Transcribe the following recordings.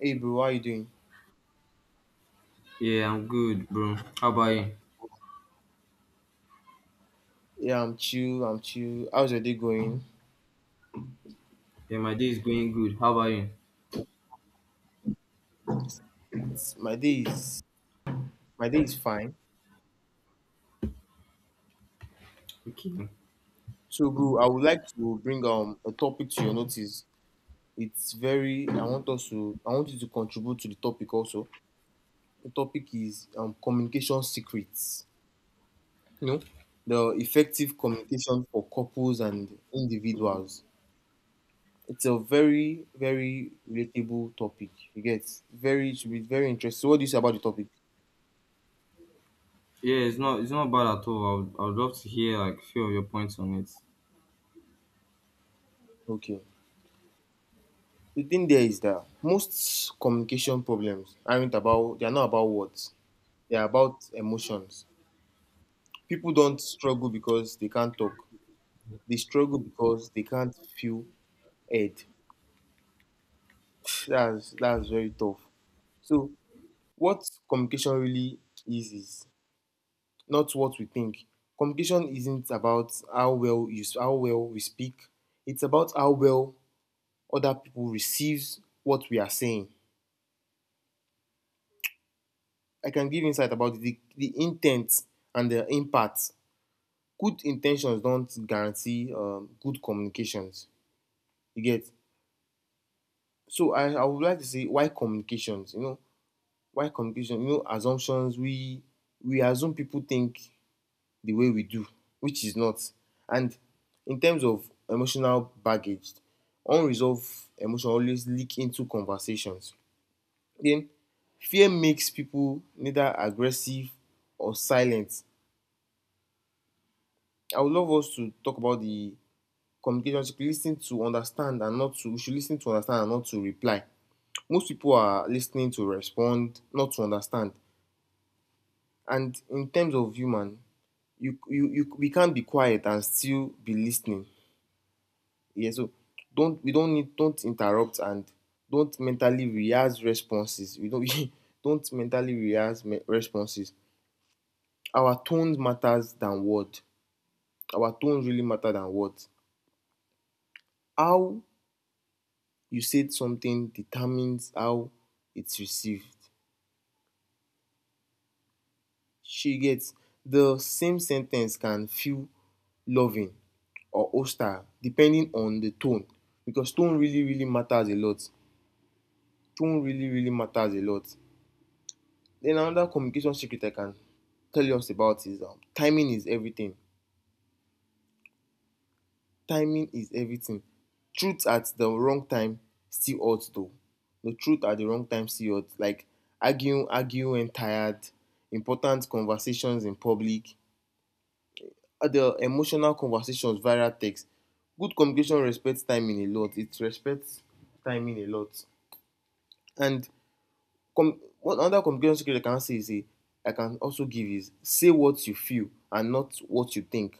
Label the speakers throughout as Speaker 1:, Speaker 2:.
Speaker 1: Hey bro, how you doing?
Speaker 2: Yeah, I'm good, bro. How about you?
Speaker 1: Yeah, I'm chill. I'm chill. How's your day going?
Speaker 2: Yeah, my day is going good. How about you?
Speaker 1: It's, my day is fine.
Speaker 2: Okay.
Speaker 1: So bro, I would like to bring a topic to your notice. It's very. I want us to. I want you to contribute to the topic also. The topic is communication secrets. You know, the effective communication for couples and individuals. It's a very, very relatable topic. You get very. It should be very interesting. So what do you say about the topic?
Speaker 2: Yeah, it's not bad at all. I would love to hear like a few of your points on it.
Speaker 1: Okay, the thing there is that most communication problems aren't about they're not about words, they're about emotions. People don't struggle because they can't talk, they struggle because they can't feel heard. That's very tough. So what communication really is not what we think. Communication isn't about how well we speak, it's about how well other people receives what we are saying. I can give insight about the intent and the impact. Good intentions don't guarantee good communications. You get? So I would like to say why communications? Why communication? You know, assumptions. We assume people think the way we do, which is not. And in terms of emotional baggage, unresolved emotion always leak into conversations. Then fear makes people neither aggressive or silent. I would love us to talk about the communication. She should listen to understand and not to We should listen to understand and not to reply. Most people are listening to respond, not to understand. And in terms of human, you we can't be quiet and still be listening. Yeah. So don't interrupt and don't mentally rehearse responses. We don't we don't mentally rehearse me responses. Our tones matters than word. Our tones really matter than words. How you said something determines how it's received. She gets The same sentence can feel loving or hostile depending on the tone, because tone really, really matters a lot. Tone really, really matters a lot. Then another communication secret I can tell us about is timing is everything. Timing is everything. Truth at the wrong time still hurts though. The truth at the wrong time still hurts. Like arguing when tired, important conversations in public, other emotional conversations viral text. Good communication respects timing a lot. It respects timing a lot. And one another communication skill I can say I can also give is say what you feel and not what you think.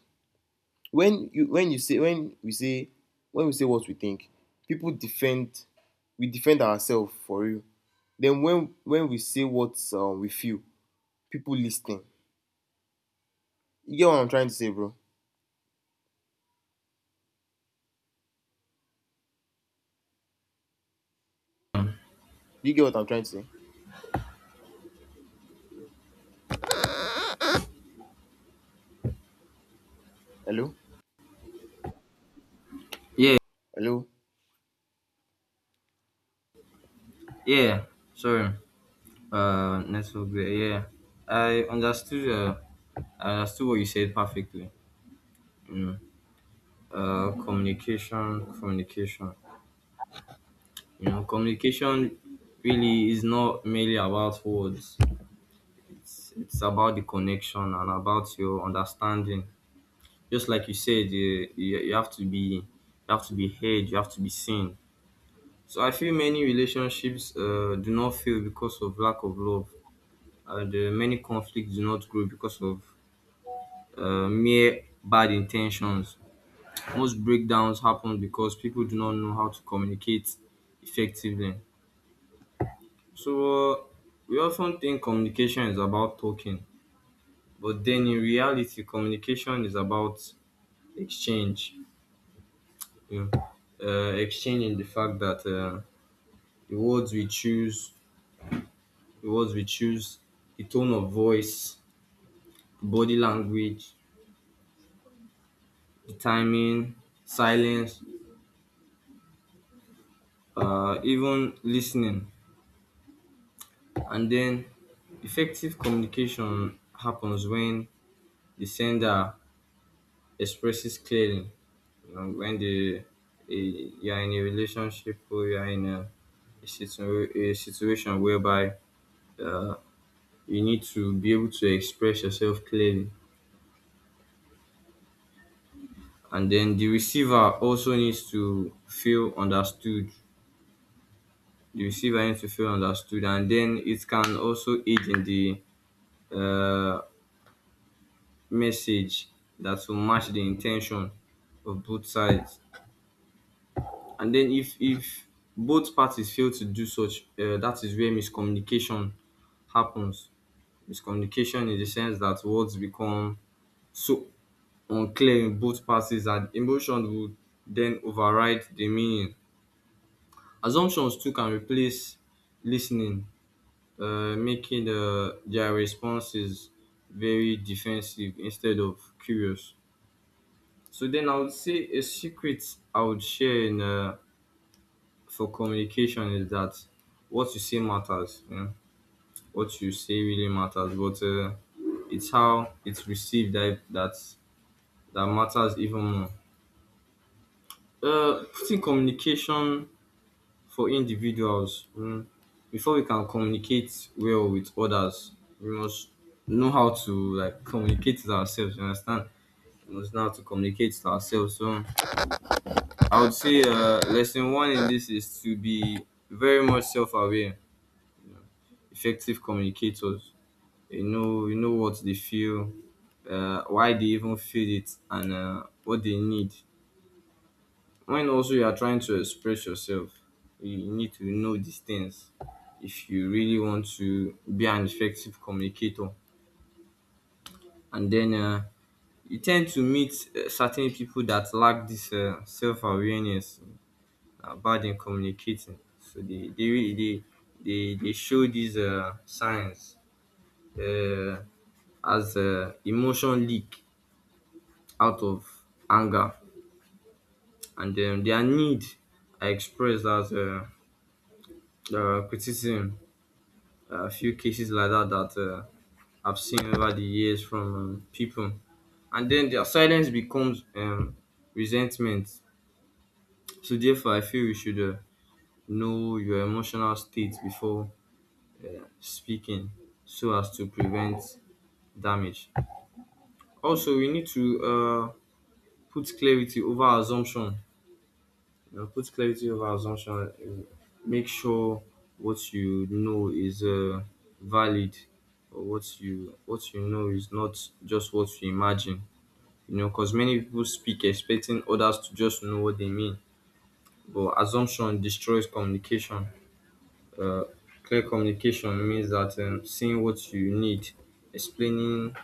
Speaker 1: when you when you say when we say when we say what we think, people defend, we defend ourselves for real. Then when we say what we feel, people listen. You get what I'm trying to say, bro? You get what I'm trying to say? Hello?
Speaker 2: Yeah,
Speaker 1: Hello?
Speaker 2: yeah. Sorry. Network there. Yeah, I understood. I understood what you said perfectly. You know, communication. You know, communication really is not merely about words. It's about the connection and about your understanding, just like you said. You have to be, you have to be heard, you have to be seen. So I feel many relationships do not fail because of lack of love, and many conflicts do not grow because of mere bad intentions. Most breakdowns happen because people do not know how to communicate effectively. So we often think communication is about talking, but then in reality communication is about exchange. You know, exchange, the fact that the words we choose, the words we choose, the tone of voice, body language, the timing, silence, even listening. And then effective communication happens when the sender expresses clearly. You know, when the you are in a relationship, or you are in a, a situation whereby uh, you need to be able to express yourself clearly, and then the receiver also needs to feel understood. The receiver needs to feel understood, and then it can also aid in the uh, message that will match the intention of both sides. And then if both parties fail to do such, that is where miscommunication happens. Miscommunication in the sense that words become so unclear in both parties, and emotion would then override the meaning. Assumptions too can replace listening, making their responses very defensive instead of curious. So then I would say a secret I would share in, for communication, is that what you say matters. You know? What you say really matters, but it's how it's received that that matters even more. Putting communication, for individuals, before we can communicate well with others, we must know how to like communicate with ourselves. You understand? We must know how to communicate with ourselves. So I would say lesson one in this is to be very much self-aware. Effective communicators, you know, you know what they feel, why they even feel it, and what they need. When also you are trying to express yourself, you need to know these things if you really want to be an effective communicator. And then you tend to meet certain people that lack this self-awareness about them communicating. So they show these signs, uh, as emotion leak out of anger, and then their need are expressed as criticism. A few cases like that that I've seen over the years from people, and then their silence becomes resentment. So therefore, I feel you should know your emotional state before speaking, so as to prevent damage. Also, we need to put clarity over assumption. Put clarity over assumption. Make sure what you know is valid, or what you know is not just what you imagine. You know, because many people speak expecting others to just know what they mean, but assumption destroys communication. Uh, Clear communication means that, seeing what you need, explaining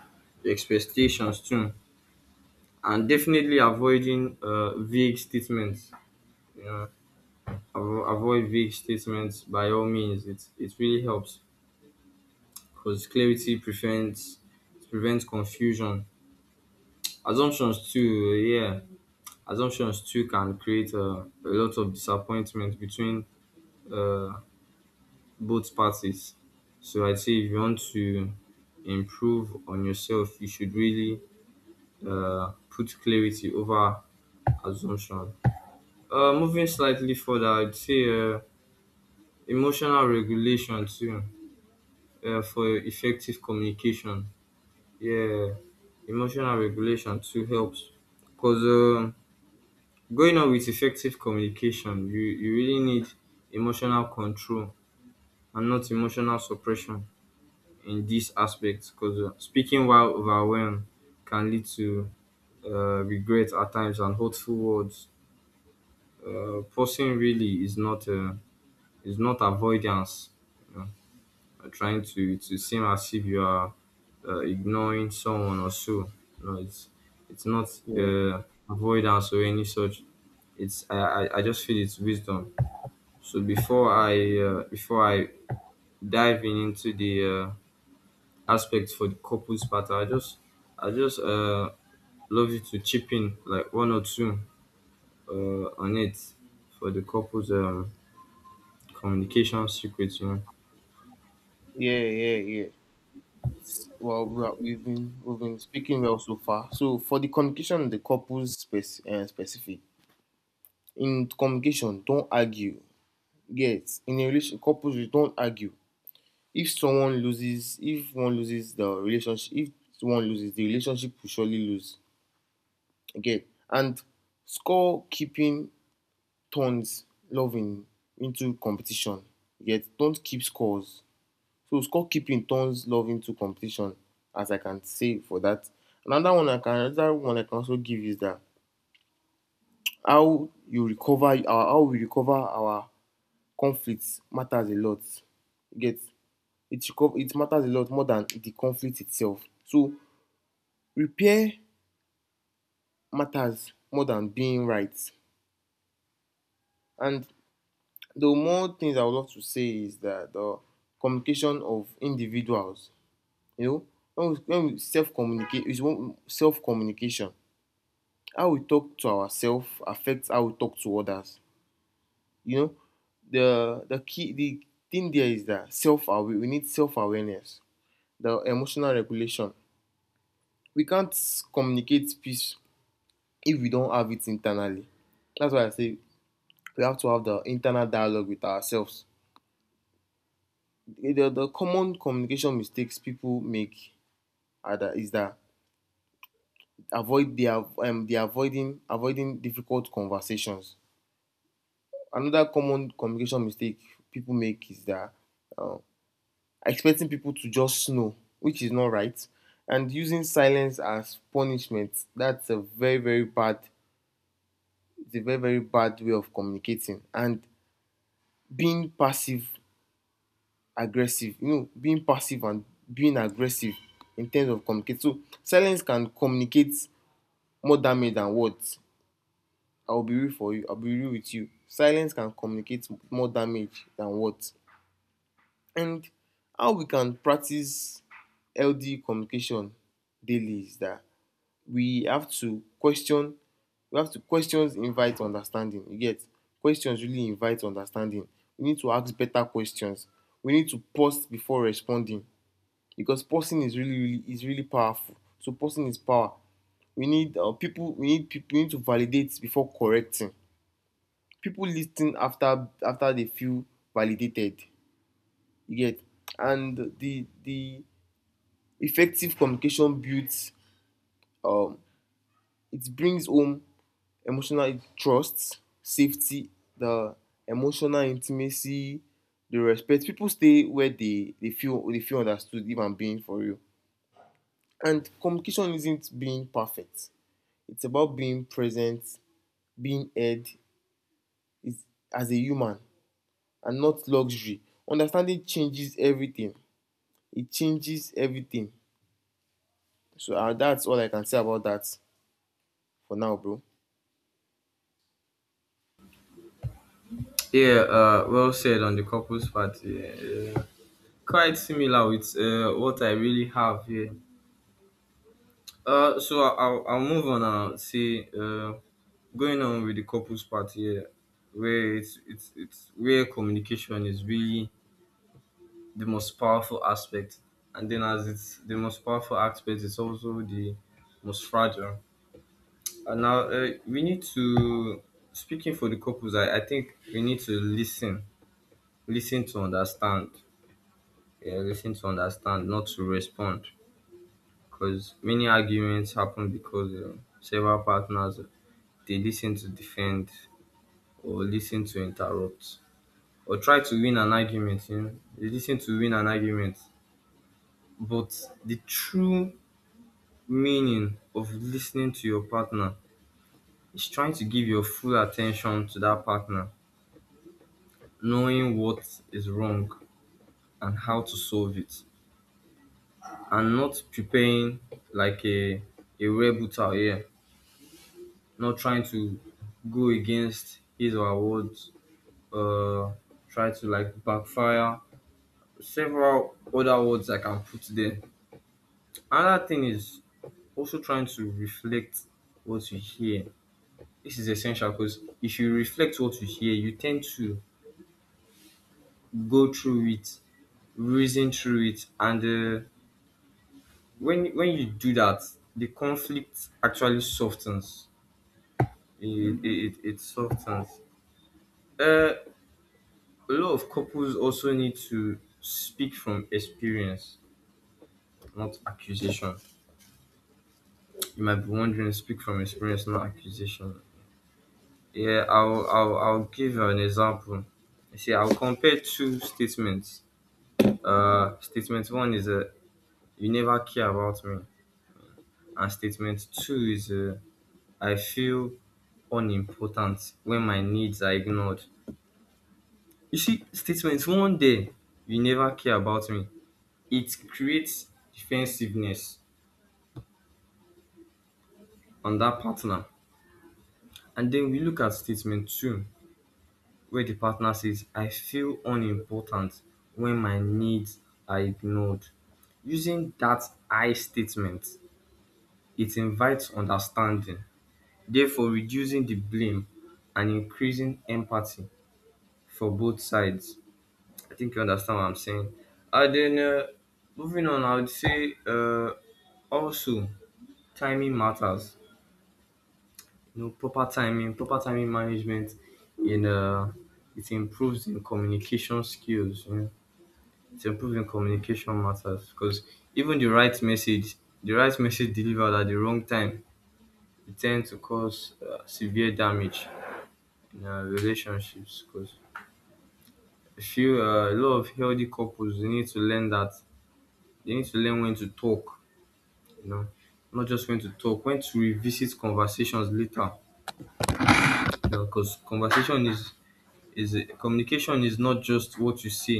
Speaker 2: your expectations too, and definitely avoiding vague statements. You know, avoid vague statements by all means. It really helps because clarity prevents confusion. Assumptions too, yeah. Assumptions too can create a lot of disappointment between uh, both parties. So I'd say if you want to improve on yourself, you should really put clarity over assumption. Moving slightly further, I'd say emotional regulation too, for effective communication. Yeah, emotional regulation too helps, because going on with effective communication, you really need emotional control and not emotional suppression in this aspect, because speaking while overwhelmed can lead to regret at times, and hurtful words. Pausing really is not avoidance. Trying to seem as if you are ignoring someone or so. No, it's not
Speaker 1: Yeah
Speaker 2: uh, avoidance or any such. It's, I just feel it's wisdom. So before I dive in into the aspects for the couples part, I just I just uh, love you to chip in like one or two on it, for the couples communication secrets. You know.
Speaker 1: Yeah, yeah, yeah. We've been speaking well so far. So for the communication and the couples specific in communication, don't argue. Yes, in a relation couples, you don't argue. If one loses the relationship, if one loses the relationship will surely lose again. And score keeping turns loving into competition, yet don't keep scores. So score keeping turns love into competition, as I can say for that. Another one I can, also give is that how you recover our, how we recover our conflicts matters a lot. Get it? Reco It matters a lot more than the conflict itself. So repair matters more than being right. And the more things I would love to say is that the communication of individuals, you know, when we self communicate, is self communication. How we talk to ourselves affects how we talk to others. You know, the thing there is that self aware. We need self awareness, the emotional regulation. We can't communicate peace if we don't have it internally. That's why I say we have to have the internal dialogue with ourselves. The common communication mistakes people make are that, is that avoid they are avoiding difficult conversations. Another common communication mistake people make is that uh, expecting people to just know, which is not right, and using silence as punishment. That's a very, very bad. It's a very, very bad way of communicating, and being passive aggressive. You know, being passive and being aggressive in terms of communicate. So silence can communicate more damage than words. I will be real for you. I'll be real with you. Silence can communicate more damage than words. And how we can practice healthy communication daily is that we have to question. We have to questions invite understanding. You get? Questions really invite understanding. We need to ask better questions. We need to pause before responding, because posting is really powerful. So posting is power. We need people, we need to validate before correcting. People listen after they feel validated. You get? And the effective communication builds um it brings home emotional trust, safety, the emotional intimacy, the respect. People stay where they feel, they feel understood, if I'm being for real. And communication isn't being perfect. It's about being present, being heard, is as a human and not luxury. Understanding changes everything. It changes everything. So that's all I can say about that for now, bro.
Speaker 2: Yeah, well said on the couples part. Yeah. Quite similar with what I really have here. So I'll move on and say, going on with the couples part here, where it's where communication is really the most powerful aspect. And then, as it's the most powerful aspect, it's also the most fragile. And now we need to, speaking for the couples, I think we need to listen, listen to understand, yeah, listen to understand, not to respond. Because many arguments happen because several partners, they listen to defend, or listen to interrupt, or try to win an argument. You know, they listen to win an argument. But the true meaning of listening to your partner is trying to give your full attention to that partner, knowing what is wrong and how to solve it, and not preparing like a rebel out here, not trying to go against his or her words, uh try to like backfire several other words I can put there. Another thing is also trying to reflect what you hear. This is essential, because if you reflect what you hear, you tend to go through it, reason through it, and when you do that, the conflict actually softens. It softens. uh, a lot of couples also need to speak from experience, not accusation. You might be wondering, speak from experience, not accusation. Yeah, I'll give an example. You see, I'll compare two statements. Statement one is you never care about me, and statement two is I feel unimportant when my needs are ignored. You see, statement one day, you never care about me. It creates defensiveness on that partner, and then we look at statement two, where the partner says I feel unimportant when my needs are ignored. Using that I statement, it invites understanding, therefore reducing the blame and increasing empathy for both sides. I think you understand what I'm saying. And then moving on, I would say also, timing matters. You know, proper timing, proper timing management in, it improves in communication skills. You know, it's improving communication matters, because even the right message, the right message delivered at the wrong time, it tend to cause severe damage in relationships. Because I feel a lot of healthy couples, they need to learn that, they need to learn when to talk. You know, not just when to talk, when to revisit conversations later. Because conversation is communication is not just what you say,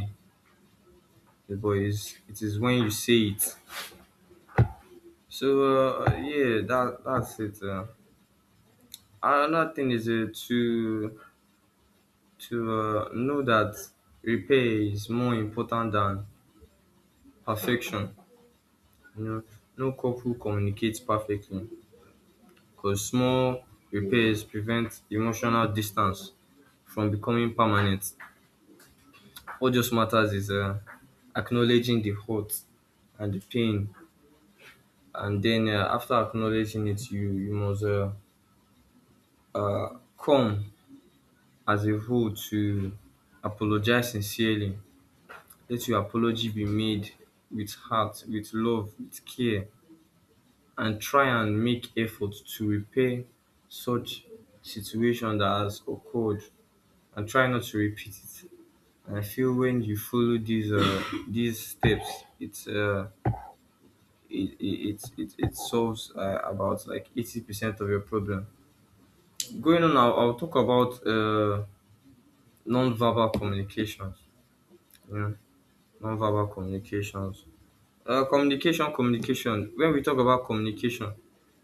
Speaker 2: but is, it is when you say it. So yeah, that's it. Another thing is to know that repair is more important than perfection. You know, no couple communicates perfectly, because small repairs prevent emotional distance from becoming permanent. What just matters is acknowledging the hurt and the pain, and then after acknowledging it, you must come as a whole to apologize sincerely. Let your apology be made with heart, with love, with care, and try and make effort to repair such situation that has occurred, and try not to repeat it. And I feel when you follow these these steps, it's it solves about like 80% of your problem. Going on, I'll talk about non-verbal communications. You know, non-verbal communications. Communication, when we talk about communication,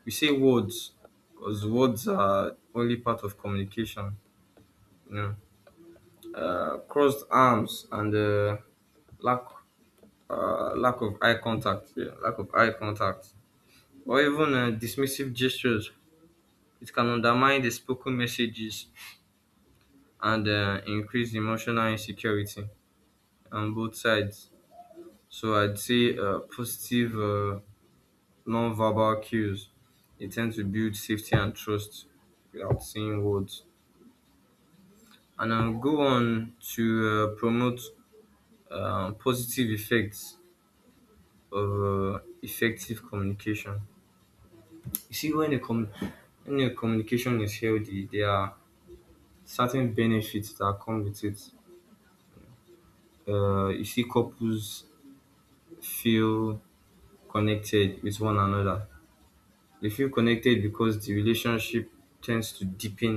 Speaker 2: we say words, because words are only part of communication. You know, crossed arms, and lack lack of eye contact, yeah, lack of eye contact, or even dismissive gestures, it can undermine the spoken messages, and increase emotional insecurity on both sides. So I'd say positive non-verbal cues, they tend to build safety and trust without saying words. And I'll go on to promote positive effects of effective communication. You see, when when a communication is healthy, there are certain benefits that come with it. You see, couples feel connected with one another. They feel connected because the relationship tends to deepen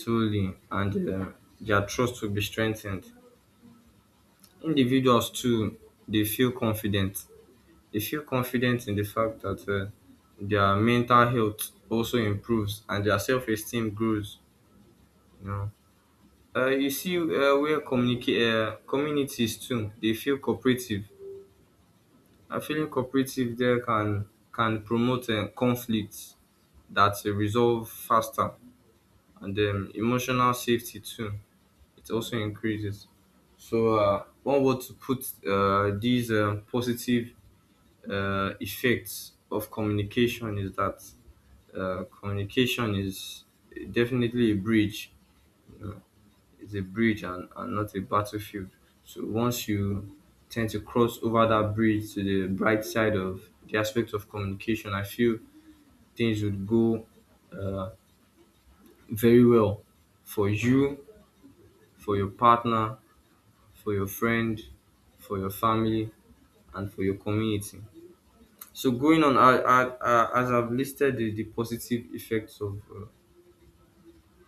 Speaker 2: solely, and their trust will be strengthened. Individuals too, they feel confident. They feel confident in the fact that their mental health also improves and their self-esteem grows. You know, you see where communicate Communities too, they feel cooperative. And feeling cooperative there can promote conflicts that resolve faster and emotional safety too. It also increases. So, one word to put these positive effects of communication is that communication is definitely a bridge. It's a bridge and, not a battlefield. So, once you tend to cross over that bridge to the bright side of the aspect of communication, I feel things would go uh, very well for you, for your partner, for your friend, for your family, and for your community. So going on, as I've listed the positive effects of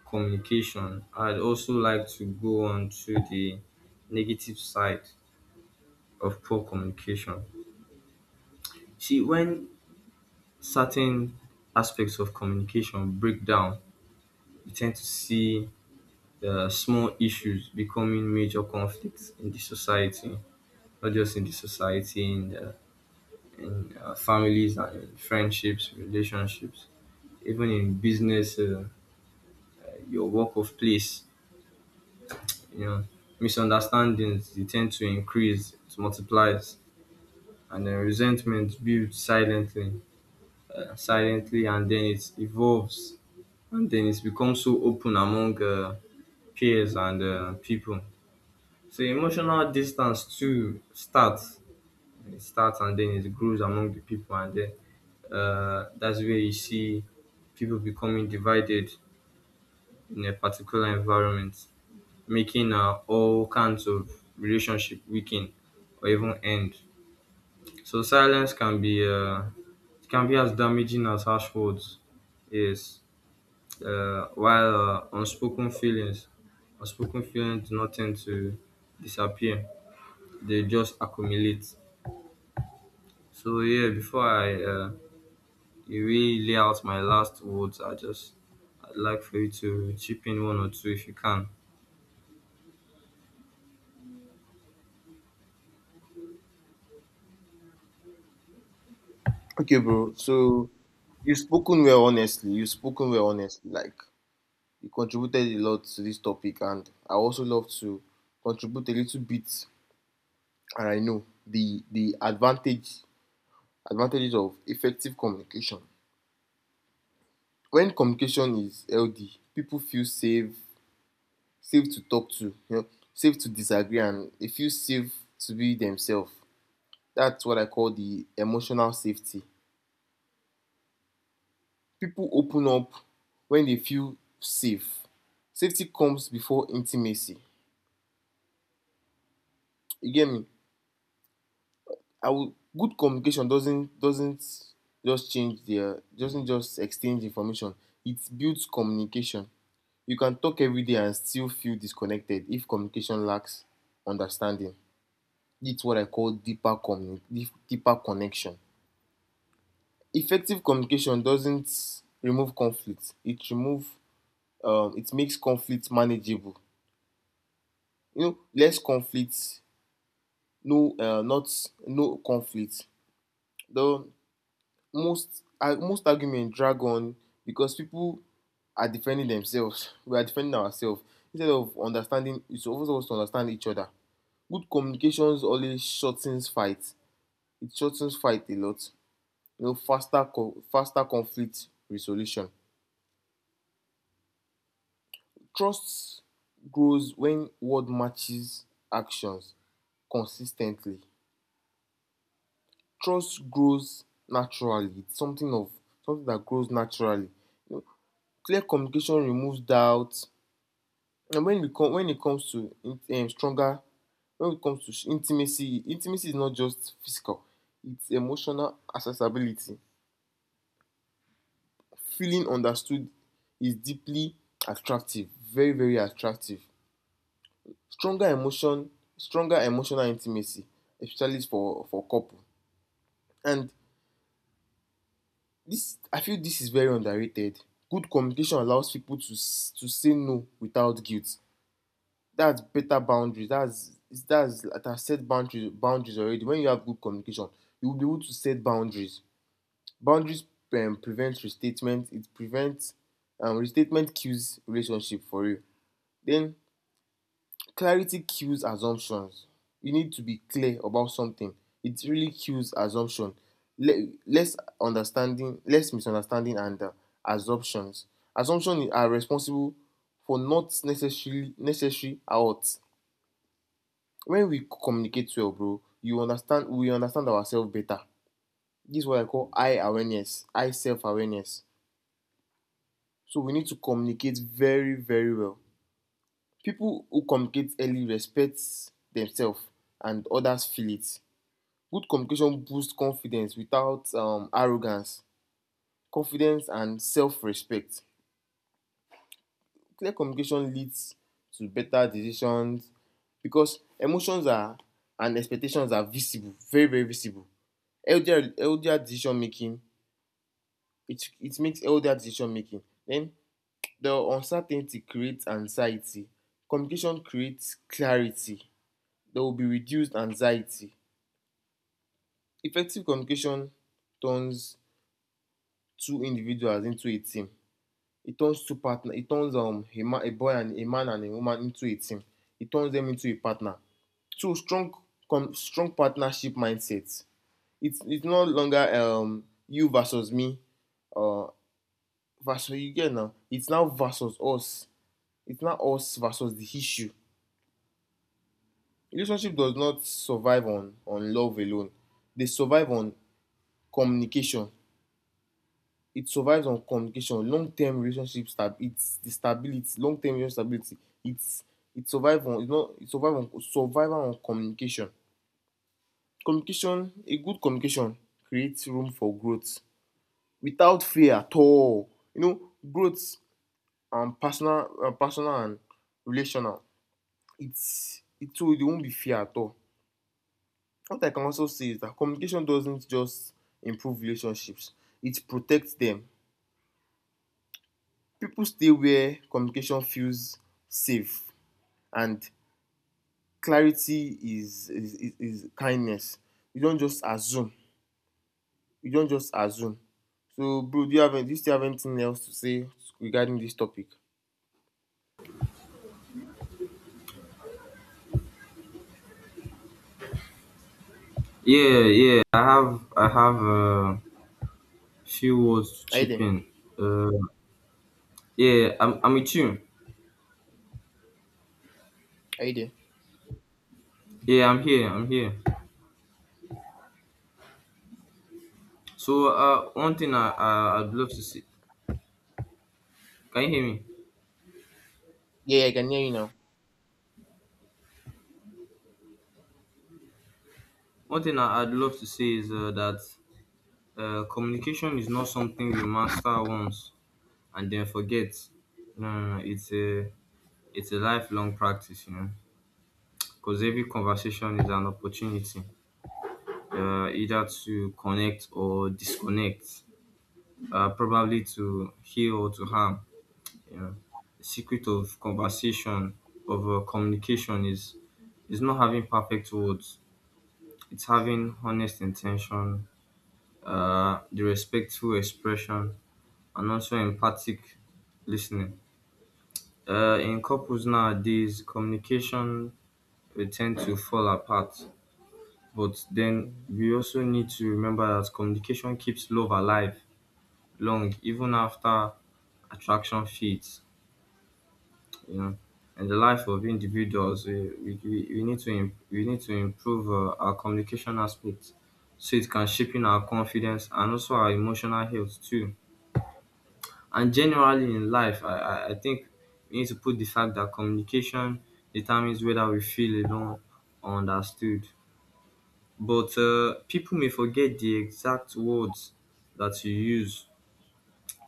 Speaker 2: communication, I'd also like to go on to the negative side of poor communication. See, when certain aspects of communication break down, we tend to see the small issues becoming major conflicts in the society, not just in the society, in the in families and in friendships, relationships, even in business, your work of place, you know, misunderstandings they tend to increase, it multiplies, and then resentment builds silently, silently, and then it evolves, and then it becomes so open among peers and people. So emotional distance too starts. It starts and then it grows among the people, and then that's where you see people becoming divided in a particular environment, making all kinds of relationship weaken or even end. So silence can be as damaging as harsh words. Yes, while unspoken feelings do not tend to disappear; they just accumulate. So yeah, before I you really lay out my last words. I'd like for you to chip in one or two if you can.
Speaker 1: Okay, bro. So you've spoken well, honestly. You've spoken well, honestly. Like, you contributed a lot to this topic, and I also love to contribute a little bit. And I know the advantage advantages of effective communication. When communication is healthy, pipo feel safe, safe to talk to. You know, safe to disagree, and e feel safe to be themselves. That's what I call the emotional safety. Pipo open up when dey feel safe. Safety comes before intimacy, you get me? I would Good communication doesn't just change the doesn't just exchange information. It builds communication. You can talk every day and still feel disconnected if communication lacks understanding. It's what I call deeper connection. Effective communication doesn't remove conflict. It makes conflict manageable. You know, less conflict, no uh, not no conflict. Though most most argument drag on because people are defending themselves. We are defending ourselves instead of understanding. It's always us to understand each other. Good communications always shortens fights. It shortens fight a lot. You know, faster conflict resolution. Trust grows when word matches actions consistently. Trust grows naturally. It's something of something that grows naturally. Clear communication removes doubt. And when it comes to stronger when it comes to intimacy, intimacy is not just physical, it's emotional accessibility. Feeling understood is deeply attractive, very, very attractive. stronger emotion Stronger emotional intimacy, especially for couple. And this, I feel this is very underrated. Good communication allows people to to say no without guilt. That's better boundaries. That's it Set boundaries, boundaries already. When you have good communication, you will be able to set boundaries. Boundaries prevent restatement. It prevents restatement kills relationship for you. Then clarity kills assumptions. You need to be clear about something, it really kills assumption. Less understanding less misunderstanding, and assumptions. Assumptions are responsible for not necessarily necessary out. When we communicate well, bro, you understand, we understand ourselves better. This is what I call I self awareness. So we need to communicate very, very well. People who communicate early respect themselves, and others feel it. Good communication boosts confidence without arrogance, confidence and self respect. Clear communication leads to better decisions because emotions are and expectations are visible, very, very visible. Healthier decision making, it makes healthier decision making. um the uncertainty creates anxiety, communication creates clarity. There will be reduced anxiety. Effective communication turns two individuals into a team. It turns a man, a boy and a man and a woman into a team. It turns them into a partner. So strong, com strong partnership mindset. It's no longer you versus me, or versus you get, now it's now versus us. It's now us versus the issue. Relationship does not survive on love alone, they survive on communication. It survives on communication. Long-term relationship stability, it's it survive on it's not it survive on survival on communication. A good communication creates room for growth without fear at all. You know, growth and personal and relational. It's it So they won't be fair at all. What I can also say is that communication doesn't just improve relationships, it protects them. People stay where communication feels safe. And clarity is kindness. You don't just assume. You don't just assume. So bro, do you have any, do you still have anything else to say regarding this topic?
Speaker 2: Yeah, yeah. I have a few words to
Speaker 1: Are you
Speaker 2: chip
Speaker 1: there?
Speaker 2: in. Uh, yeah, I'm with you.
Speaker 1: Are you there?
Speaker 2: Yeah, I'm here. I'm here. So one thing I I'd love to say. Can you hear me?
Speaker 1: Yeah, yeah, I can hear you now.
Speaker 2: One thing I'd love to say is that communication is not something we master once and then forget. No, no, no. It's a lifelong practice. You know, because every conversation is an opportunity, either to connect or disconnect, probably to heal or to harm. You know, the secret of conversation, of communication, is not having perfect words. It's having honest intention, the respectful expression, and also empathic listening. In couples nowadays, communication will tend to fall apart. But then
Speaker 1: Mhm.
Speaker 2: we also need to remember that communication keeps love alive long even after attraction fades, you know. In the life of individuals, eh, we need to we need to improve our communication aspect so it can shape in our confidence and also our emotional health too. And generally in life, I think we need to put the fact that communication determines whether we feel alone or understood. But people may forget the exact words that you use,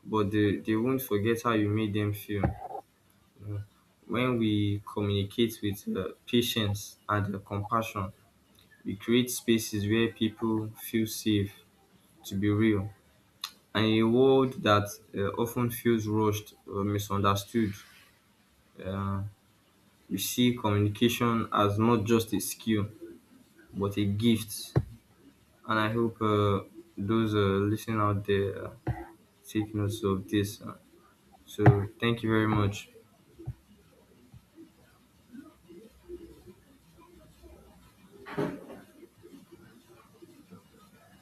Speaker 2: but they won't forget how you made them feel. When we communicate with patience and compassion, we create spaces where people feel safe to be real. And in a world that often feels rushed or misunderstood, uh, we see communication as not just a skill, but a gift. And I hope those listening out there thickness of this. So thank you very much.